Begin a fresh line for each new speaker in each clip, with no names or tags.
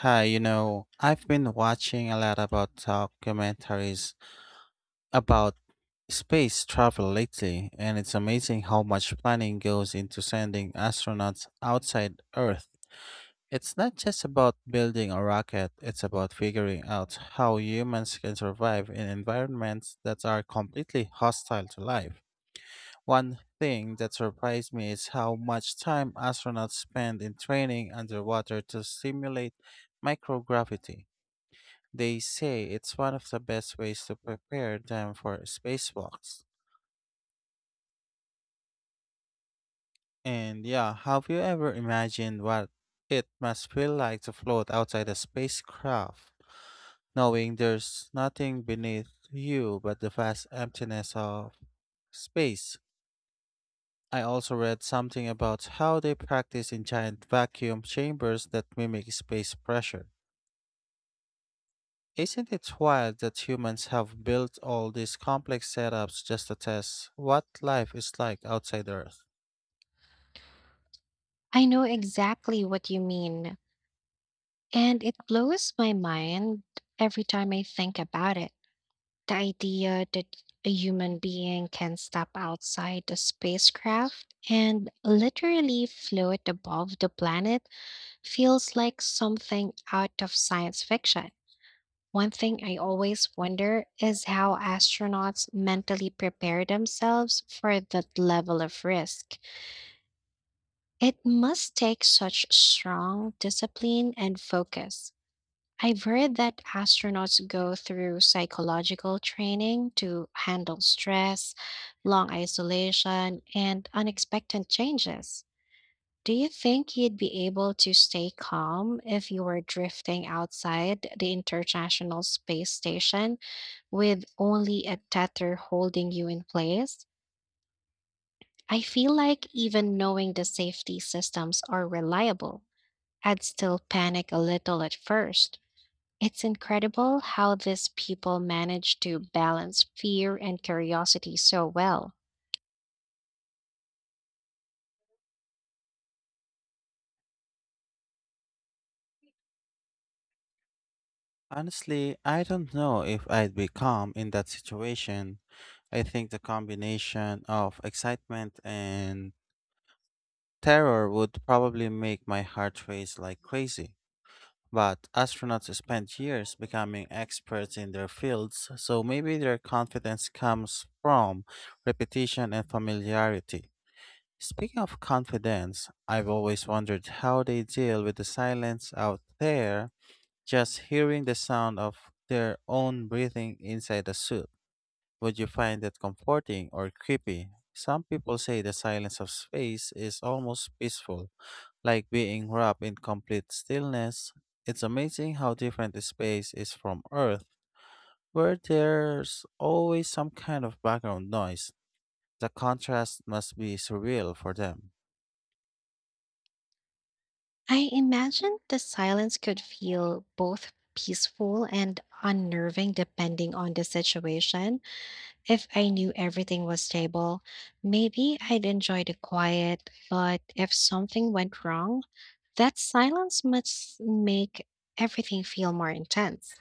Hi, I've been watching a lot about documentaries about space travel lately, and it's amazing how much planning goes into sending astronauts outside Earth. It's not just about building a rocket, it's about figuring out how humans can survive in environments that are completely hostile to life. One thing that surprised me is how much time astronauts spend in training underwater to simulate microgravity. They say it's one of the best ways to prepare them for spacewalks. And yeah, have you ever imagined what it must feel like to float outside a spacecraft, knowing there's nothing beneath you but the vast emptiness of space? I also read something about how they practice in giant vacuum chambers that mimic space pressure. Isn't it wild that humans have built all these complex setups just to test what life is like outside Earth?
I know exactly what you mean, and it blows my mind every time I think about it. The idea that a human being can step outside the spacecraft and literally float above the planet feels like something out of science fiction. One thing I always wonder is how astronauts mentally prepare themselves for that level of risk. It must take such strong discipline and focus. I've heard that astronauts go through psychological training to handle stress, long isolation, and unexpected changes. Do you think you'd be able to stay calm if you were drifting outside the International Space Station with only a tether holding you in place? I feel like even knowing the safety systems are reliable I'd still panic a little at first. It's incredible how these people manage to balance fear and curiosity so well.
Honestly, I don't know if I'd be calm in that situation. I think the combination of excitement and terror would probably make my heart race like crazy. But astronauts spend years becoming experts in their fields, so maybe their confidence comes from repetition and familiarity. Speaking of confidence, I've always wondered how they deal with the silence out there, just hearing the sound of their own breathing inside a suit. Would you find that comforting or creepy? Some people say the silence of space is almost peaceful, like being wrapped in complete stillness. It's amazing how different the space is from Earth, where there's always some kind of background noise. The contrast must be surreal for them.
I imagine the silence could feel both peaceful and unnerving depending on the situation. If I knew everything was stable, maybe I'd enjoy the quiet, but if something went wrong, that silence must make everything feel more intense.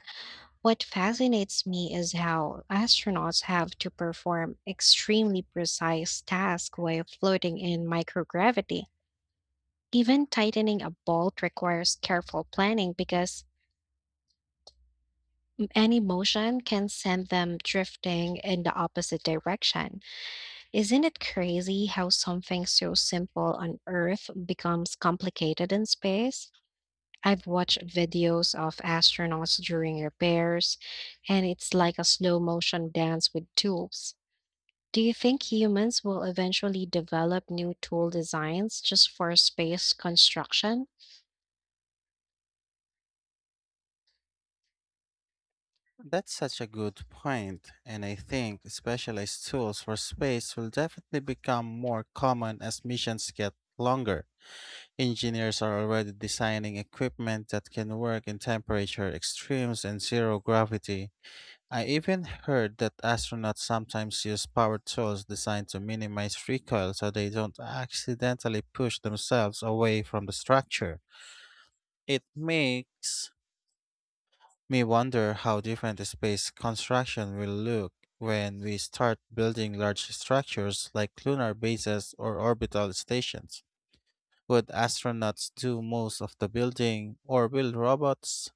What fascinates me is how astronauts have to perform extremely precise tasks while floating in microgravity. Even tightening a bolt requires careful planning because any motion can send them drifting in the opposite direction. Isn't it crazy how something so simple on Earth becomes complicated in space? I've watched videos of astronauts during repairs, and it's like a slow motion dance with tubes. Do you think humans will eventually develop new tool designs just for space construction?
That's such a good point, and I think specialized tools for space will definitely become more common as missions get longer. Engineers are already designing equipment that can work in temperature extremes and zero gravity. I even heard that astronauts sometimes use power tools designed to minimize recoil so they don't accidentally push themselves away from the structure. It makes May wonder how different the space construction will look when we start building large structures like lunar bases or orbital stations. Would astronauts do most of the building, or will robots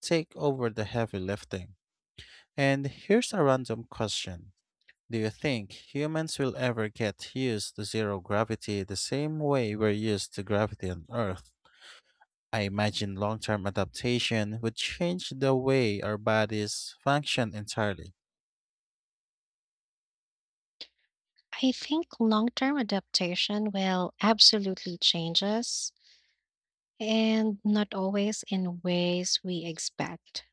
take over the heavy lifting? And here's a random question. Do you think humans will ever get used to zero gravity the same way we're used to gravity on Earth? I imagine long term adaptation would change the way our bodies function entirely.
I think long term adaptation will absolutely change us, and not always in ways we expect.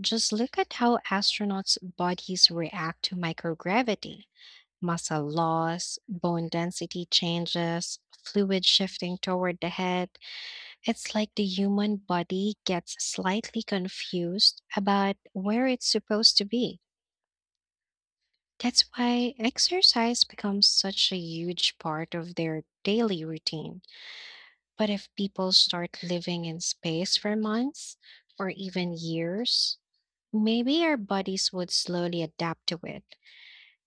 Just look at how astronauts' bodies react to microgravity, muscle loss, bone density changes, fluid shifting toward the head. It's like the human body gets slightly confused about where it's supposed to be. That's why exercise becomes such a huge part of their daily routine. But if people start living in space for months or even years, maybe our bodies would slowly adapt to it.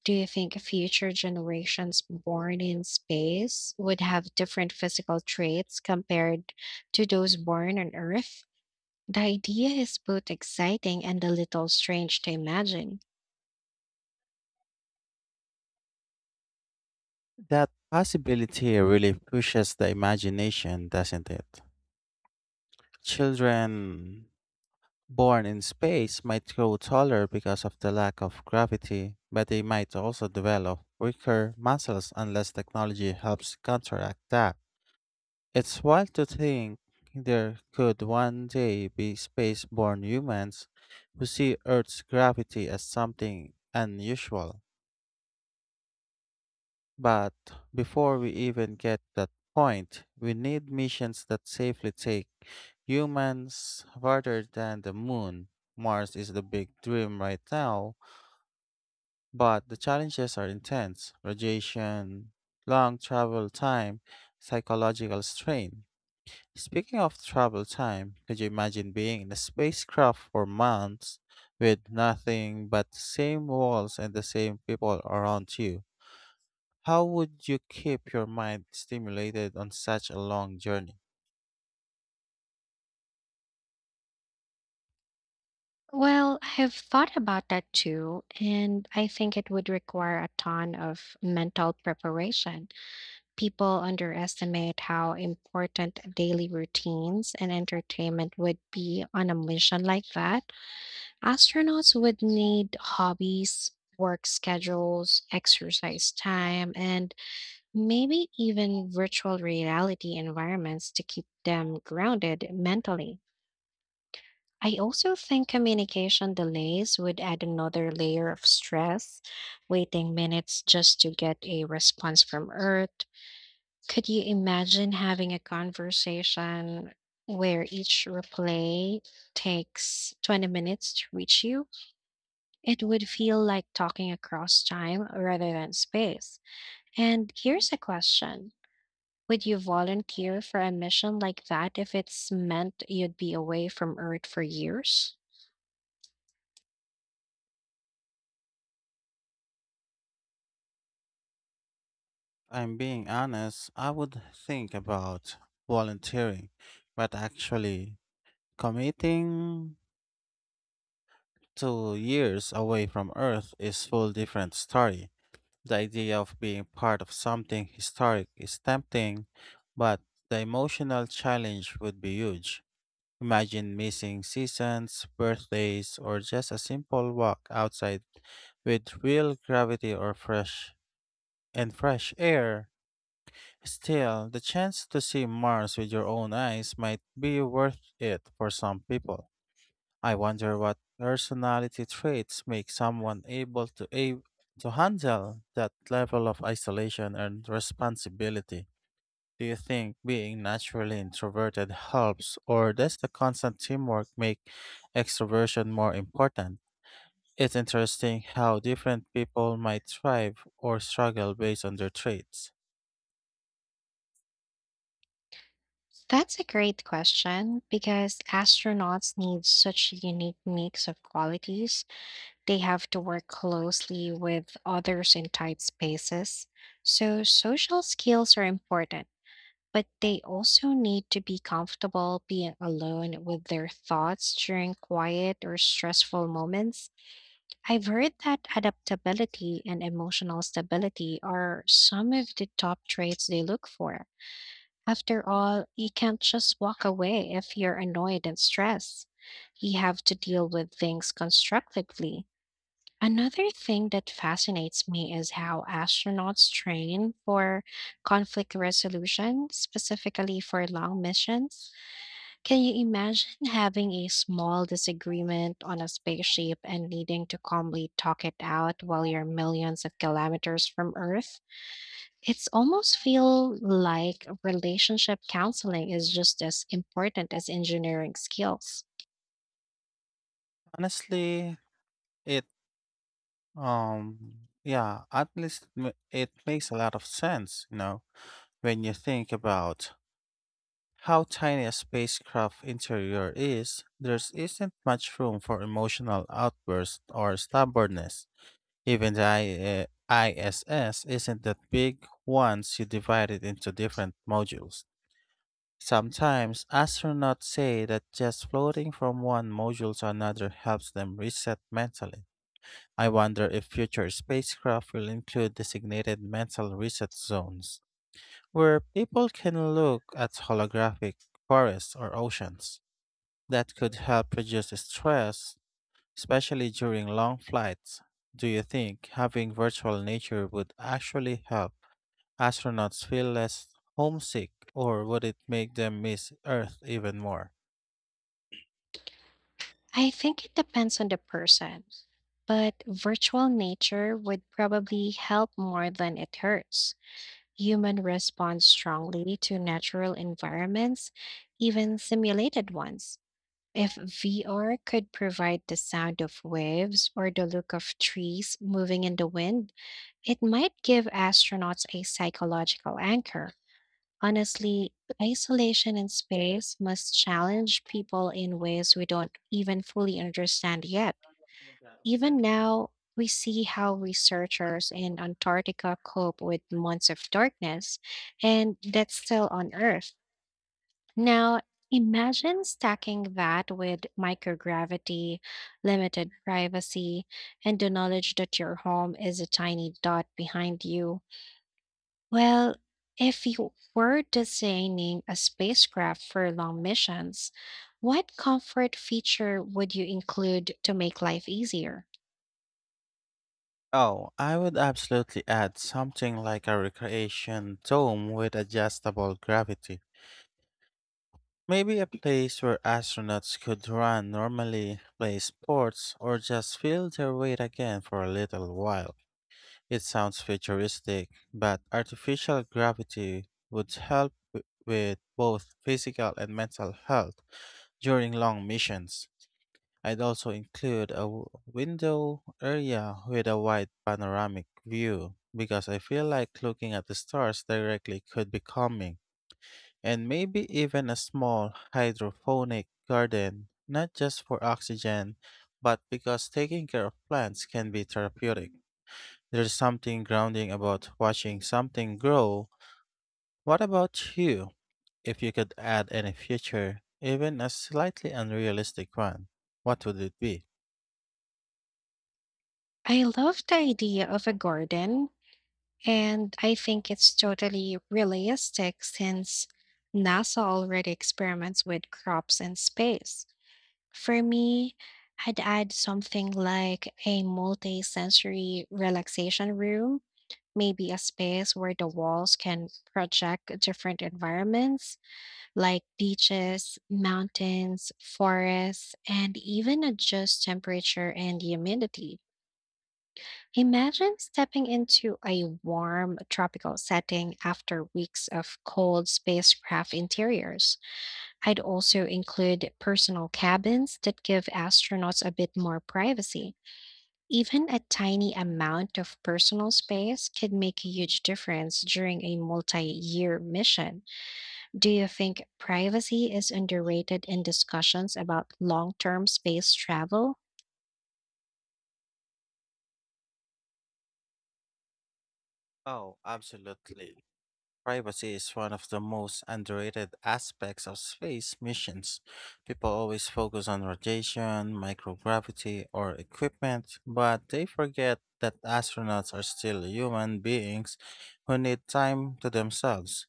Do you think future generations born in space would have different physical traits compared to those born on Earth? The idea is both exciting and a little strange to imagine.
That possibility really pushes the imagination, doesn't it? Children born in space might grow taller because of the lack of gravity, but they might also develop weaker muscles unless technology helps counteract that. It's wild to think there could one day be space born humans who see Earth's gravity as something unusual. But before we even get that point, we need missions that safely take humans farther than the moon. Mars is the big dream right now, but the challenges are intense radiation, long travel time, psychological strain. Speaking of travel time, could you imagine being in a spacecraft for months with nothing but the same walls and the same people around you? How would you keep your mind stimulated on such a long journey?
Well, I have thought about that too, and I think it would require a ton of mental preparation. People underestimate how important daily routines and entertainment would be on a mission like that. Astronauts would need hobbies, work schedules, exercise time, and maybe even virtual reality environments to keep them grounded mentally. I also think communication delays would add another layer of stress, waiting minutes just to get a response from Earth. Could you imagine having a conversation where each replay takes 20 minutes to reach you? It would feel like talking across time rather than space. And here's a question: would you volunteer for a mission like that if it's meant you'd be away from Earth for years?
I'm being honest, I would think about volunteering, but actually committing to years away from Earth is full different story. The idea of being part of something historic is tempting, but the emotional challenge would be huge. Imagine missing seasons, birthdays, or just a simple walk outside with real gravity or fresh air. Still, the chance to see Mars with your own eyes might be worth it for some people. I wonder what personality traits make someone to handle that level of isolation and responsibility. Do you think being naturally introverted helps, or does the constant teamwork make extroversion more important? It's interesting how different people might thrive or struggle based on their traits.
That's a great question because astronauts need such a unique mix of qualities. They have to work closely with others in tight spaces. So, social skills are important, but they also need to be comfortable being alone with their thoughts during quiet or stressful moments. I've heard that adaptability and emotional stability are some of the top traits they look for. After all, you can't just walk away if you're annoyed and stressed. You have to deal with things constructively. Another thing that fascinates me is how astronauts train for conflict resolution, specifically for long missions. Can you imagine having a small disagreement on a spaceship and needing to calmly talk it out while you're millions of kilometers from Earth? It's almost feel like relationship counseling is just as important as engineering skills.
Honestly, it yeah, at least m- it makes a lot of sense, when you think about how tiny a spacecraft interior is, there isn't much room for emotional outbursts or stubbornness. Even the ISS isn't that big once you divide it into different modules. Sometimes astronauts say that just floating from one module to another helps them reset mentally. I wonder if future spacecraft will include designated mental reset zones where people can look at holographic forests or oceans. That could help reduce stress, especially during long flights. Do you think having virtual nature would actually help astronauts feel less homesick, or would it make them miss Earth even more?
I think it depends on the person, but virtual nature would probably help more than it hurts. Human respond strongly to natural environments, even simulated ones. If VR could provide the sound of waves or the look of trees moving in the wind, it might give astronauts a psychological anchor. Honestly, isolation in space must challenge people in ways we don't even fully understand yet. Even now, we see how researchers in Antarctica cope with months of darkness, and that's still on Earth. Now, imagine stacking that with microgravity, limited privacy, and the knowledge that your home is a tiny dot behind you. Well, if you were designing a spacecraft for long missions, what comfort feature would you include to make life easier?
Oh, I would absolutely add something like a recreation dome with adjustable gravity. Maybe a place where astronauts could run normally, play sports, or just feel their weight again for a little while. It sounds futuristic, but artificial gravity would help with both physical and mental health during long missions. I'd also include a window area with a wide panoramic view because I feel like looking at the stars directly could be calming, and maybe even a small hydroponic garden, not just for oxygen, but because taking care of plants can be therapeutic. There's something grounding about watching something grow. What about you? If you could add any future, even a slightly unrealistic one, what would it be?
I love the idea of a garden, and I think it's totally realistic since NASA already experiments with crops in space. For me, I'd add something like a multi sensory relaxation room, maybe a space where the walls can project different environments like beaches, mountains, forests, and even adjust temperature and humidity. Imagine stepping into a warm tropical setting after weeks of cold spacecraft interiors. I'd also include personal cabins that give astronauts a bit more privacy. Even a tiny amount of personal space could make a huge difference during a multi year mission. Do you think privacy is underrated in discussions about long term space travel?
Oh, absolutely. Privacy is one of the most underrated aspects of space missions. People always focus on radiation, microgravity, or equipment, but they forget that astronauts are still human beings who need time to themselves.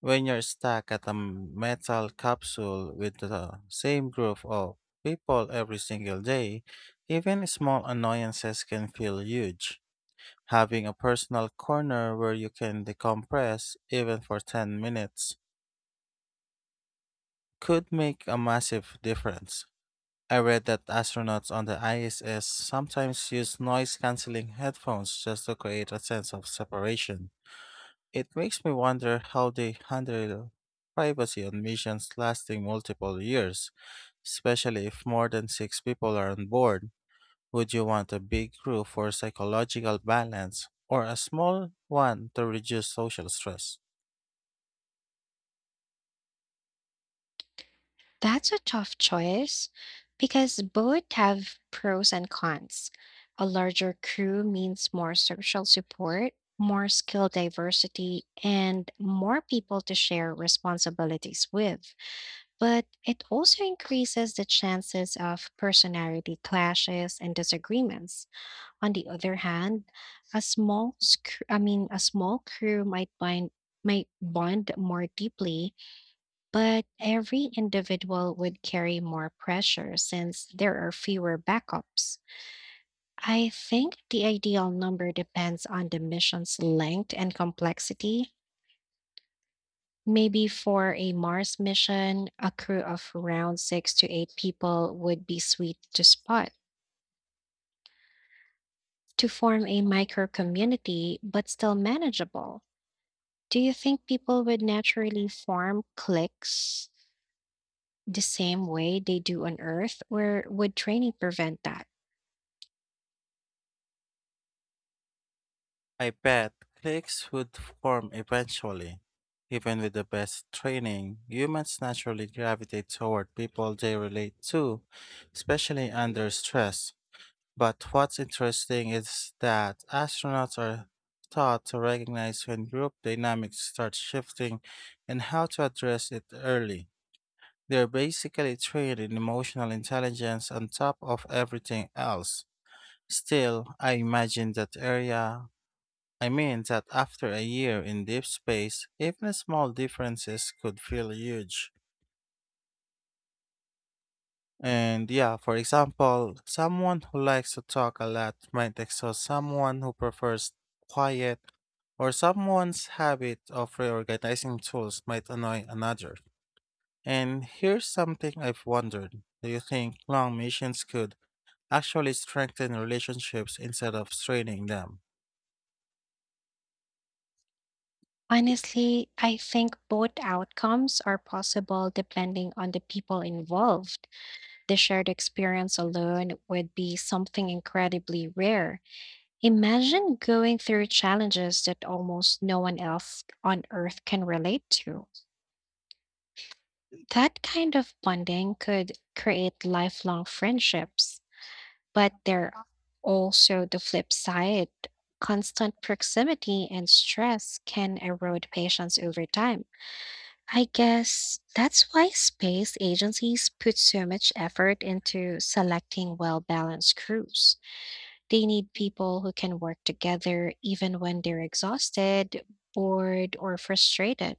When you're stuck at a metal capsule with the same group of people every single day, even small annoyances can feel huge. Having a personal corner where you can decompress, even for 10 minutes, could make a massive difference. I read that astronauts on the ISS sometimes use noise canceling headphones just to create a sense of separation. It makes me wonder how they handle privacy on missions lasting multiple years, especially if more than six people are on board. Would you want a big group for psychological balance or a small one to reduce social stress?
That's a tough choice because both have pros and cons. A larger crew means more social support, more skill diversity, and more people to share responsibilities with. But it also increases the chances of personality clashes and disagreements. On the other hand, a small sc- I mean a small crew might bond more deeply, but every individual would carry more pressure since there are fewer backups. I think the ideal number depends on the mission's length and complexity. Maybe for a Mars mission, a crew of around six to eight people would be sweet to spot to form a micro community but still manageable. Do you think people would naturally form cliques the same way they do on Earth, or would training prevent that?
I bet cliques would form eventually. Even with the best training, humans naturally gravitate toward people they relate to, especially under stress. But what's interesting is that astronauts are taught to recognize when group dynamics start shifting and how to address it early. They're basically trained in emotional intelligence on top of everything else. Still, I imagine that area, I mean, that after a year in deep space, even small differences could feel huge. And yeah, for example, someone who likes to talk a lot might exhaust someone who prefers quiet, or someone's habit of reorganizing tools might annoy another. And here's something I've wondered. Do you think long missions could actually strengthen relationships instead of straining them?
Honestly, I think both outcomes are possible depending on the people involved. The shared experience alone would be something incredibly rare. Imagine going through challenges that almost no one else on earth can relate to. That kind of bonding could create lifelong friendships, but there are also the flip side. Constant proximity and stress can erode patience over time. I guess that's why space agencies put so much effort into selecting well balanced crews. They need people who can work together even when they're exhausted, bored, or frustrated.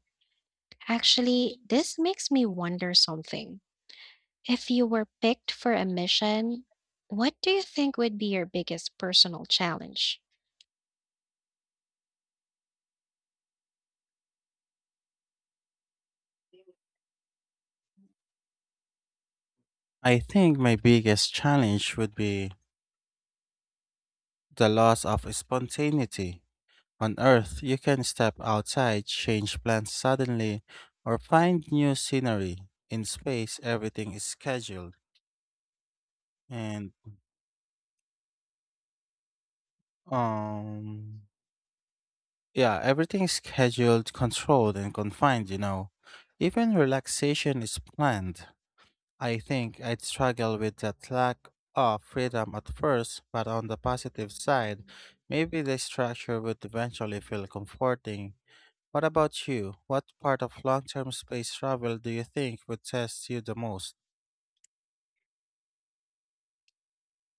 Actually, this makes me wonder something. If you were picked for a mission, what do you think would be your biggest personal challenge?
I think my biggest challenge would be the loss of spontaneity. On Earth, you can step outside, change plans suddenly, or find new scenery. In space, and, um, yeah, everything is scheduled, controlled, and confined, Even relaxation is planned. I think I'd struggle with that lack of freedom at first, but on the positive side, maybe the structure would eventually feel comforting. What about you? What part of long term space travel do you think would test you the most?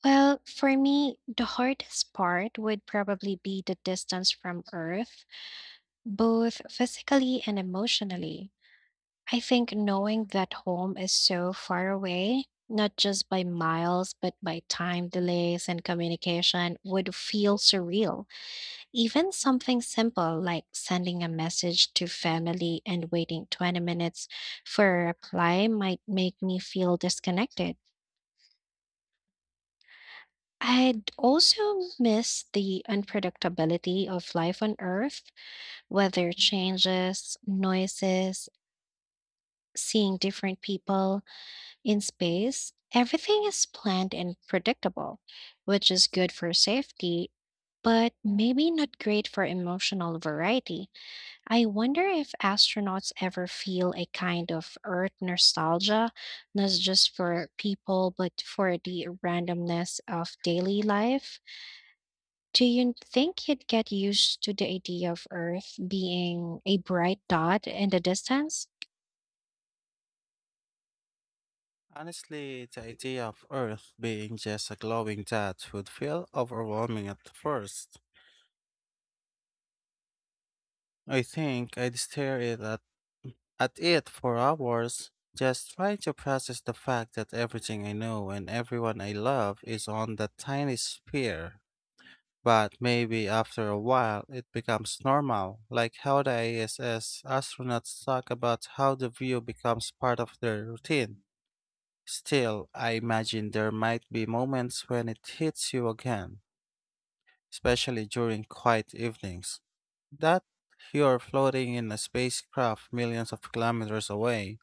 Well, for me, the hardest part would probably be the distance from Earth both physically and emotionally. I think knowing that home is so far away, not just by miles, but by time delays and communication, would feel surreal. Even something simple like sending a message to family and waiting 20 minutes for a reply might make me feel disconnected. I'd also miss the unpredictability of life on Earth, weather changes, noises, seeing different people in space, everything is planned and predictable, which is good for safety, but maybe not great for emotional variety. I wonder if astronauts ever feel a kind of Earth nostalgia, not just for people, but for the randomness of daily life. Do you think you'd get used to the idea of Earth being a bright dot in the distance?
Honestly, the idea of Earth being just a glowing dot would feel overwhelming at first. I think I'd stare it at it for hours, just trying to process the fact that everything I know and everyone I love is on that tiny sphere. But maybe after a while it becomes normal, like how the ISS astronauts talk about how the view becomes part of their routine. Still, I imagine there might be moments when it hits you again, especially during quiet evenings. That you're floating in a spacecraft millions of kilometers away.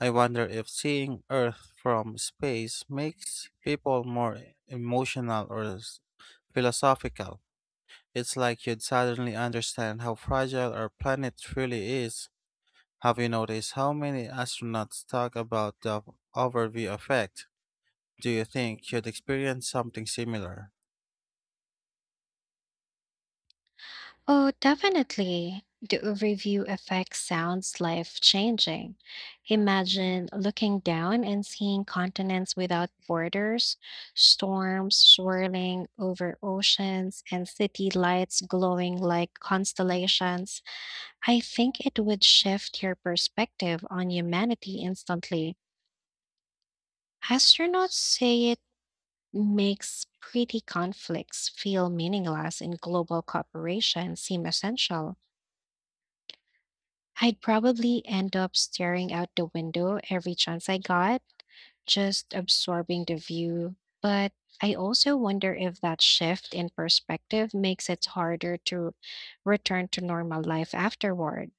I wonder if seeing Earth from space makes people more emotional philosophical. It's like you'd suddenly understand how fragile our planet really is. Have you noticed how many astronauts talk about the overview effect? Do you think you'd experience something similar?
Oh, definitely. The overview effect sounds life changing. Imagine looking down and seeing continents without borders, storms swirling over oceans, and city lights glowing like constellations. I think it would shift your perspective on humanity instantly. Astronauts say it makes pretty conflicts feel meaningless and global cooperation seem essential. I'd probably end up staring out the window every chance I got, just absorbing the view. But I also wonder if that shift in perspective makes it harder to return to normal life afterward.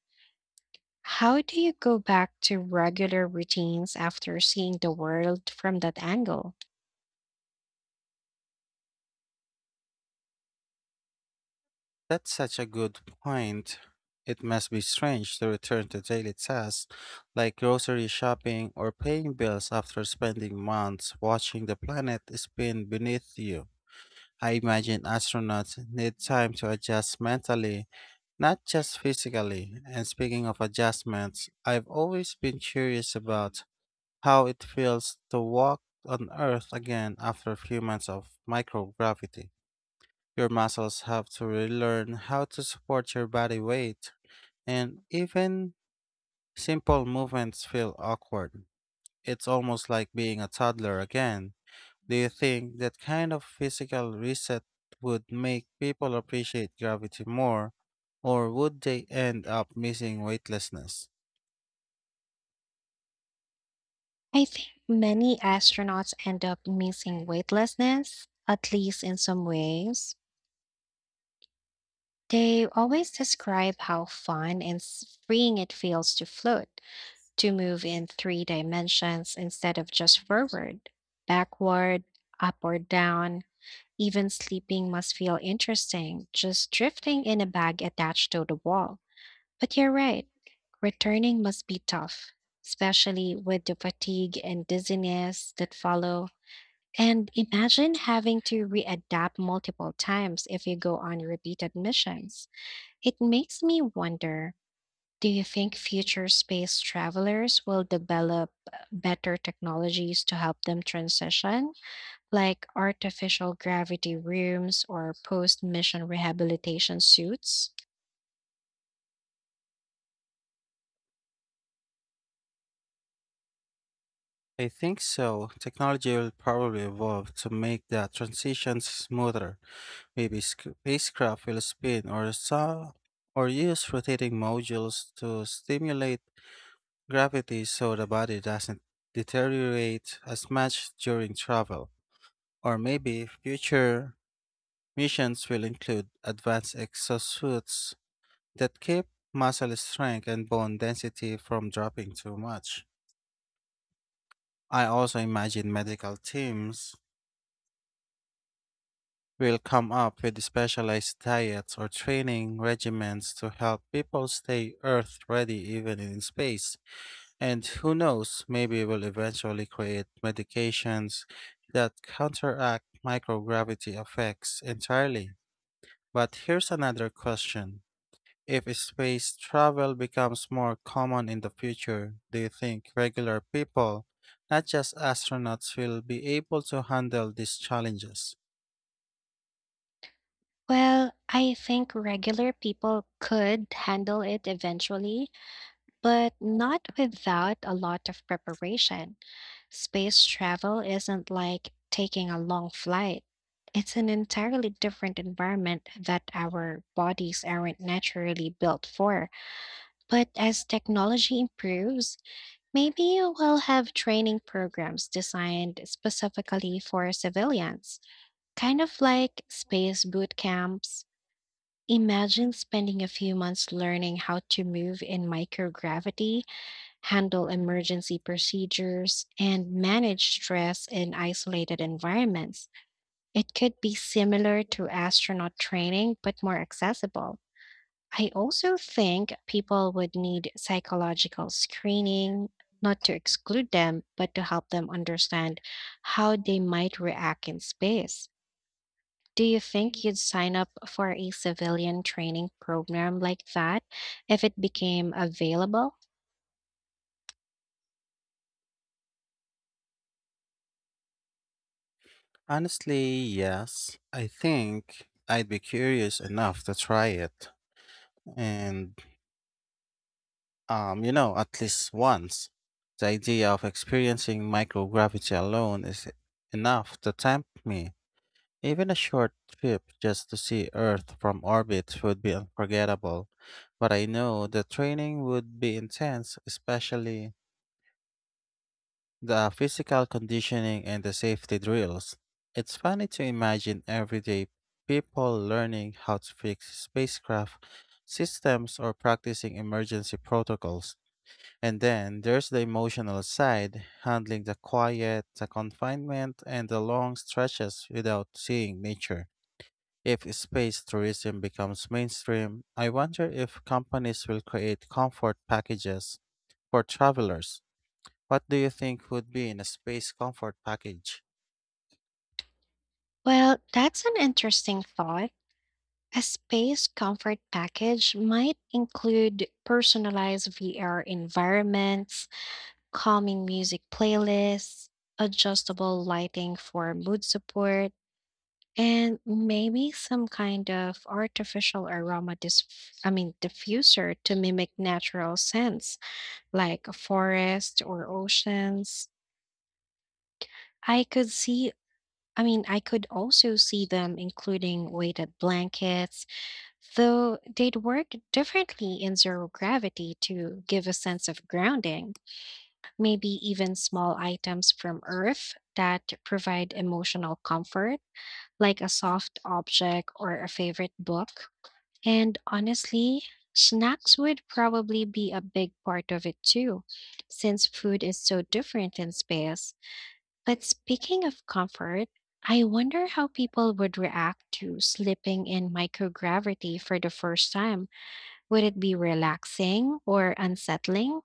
How do you go back to regular routines after seeing the world from that angle?
That's such a good point. It must be strange to return to daily tasks like grocery shopping or paying bills after spending months watching the planet spin beneath you. I imagine astronauts need time to adjust mentally, not just physically. And speaking of adjustments, I've always been curious about how it feels to walk on Earth again after a few months of microgravity. Your muscles have to relearn how to support your body weight, and even simple movements feel awkward. It's almost like being a toddler again. Do you think that kind of physical reset would make people appreciate gravity more, or would they end up missing weightlessness?
I think many astronauts end up missing weightlessness, at least in some ways. They always describe how fun and freeing it feels to float, to move in three dimensions instead of just forward, backward, up or down. Even sleeping must feel interesting, just drifting in a bag attached to the wall. But you're right, returning must be tough, especially with the fatigue and dizziness that follow. And imagine having to readapt multiple times if you go on repeated missions. It makes me wonder, do you think future space travelers will develop better technologies to help them transition, like artificial gravity rooms or post mission rehabilitation suits?
I think so. Technology will probably evolve to make that transition smoother. Maybe spacecraft will spin or saw or use rotating modules to stimulate gravity so the body doesn't deteriorate as much during travel. Or maybe future missions will include advanced exosuits that keep muscle strength and bone density from dropping too much. I also imagine medical teams will come up with specialized diets or training regimens to help people stay Earth ready even in space. And who knows, maybe we'll eventually create medications that counteract microgravity effects entirely. But here's another question. If space travel becomes more common in the future, do you think regular people, not just astronauts, will be able to handle these challenges?
Well, I think regular people could handle it eventually, but not without a lot of preparation. Space travel isn't like taking a long flight. It's an entirely different environment that our bodies aren't naturally built for. But as technology improves, maybe we'll have training programs designed specifically for civilians, kind of like space boot camps. Imagine spending a few months learning how to move in microgravity, handle emergency procedures, and manage stress in isolated environments. It could be similar to astronaut training, but more accessible. I also think people would need psychological screening, not to exclude them, but to help them understand how they might react in space. Do you think you'd sign up for a civilian training program like that if it became available?
Honestly, yes. I think I'd be curious enough to try it. And, at least once. The idea of experiencing microgravity alone is enough to tempt me. Even a short trip just to see Earth from orbit would be unforgettable. But I know the training would be intense, especially the physical conditioning and the safety drills. It's funny to imagine everyday people learning how to fix spacecraft systems or practicing emergency protocols. And then there's the emotional side, handling the quiet, the confinement, and the long stretches without seeing nature. If space tourism becomes mainstream, I wonder if companies will create comfort packages for travelers. What do you think would be in a space comfort package?
Well, that's an interesting thought. A space comfort package might include personalized VR environments, calming music playlists, adjustable lighting for mood support, and maybe some kind of artificial aroma diffuser to mimic natural scents like a forest or oceans. I could see I could also see them including weighted blankets, though they'd work differently in zero gravity to give a sense of grounding. Maybe even small items from Earth that provide emotional comfort, like a soft object or a favorite book. And honestly, snacks would probably be a big part of it too, since food is so different in space. But speaking of comfort, I wonder how people would react to slipping in microgravity for the first time: would it be relaxing or unsettling?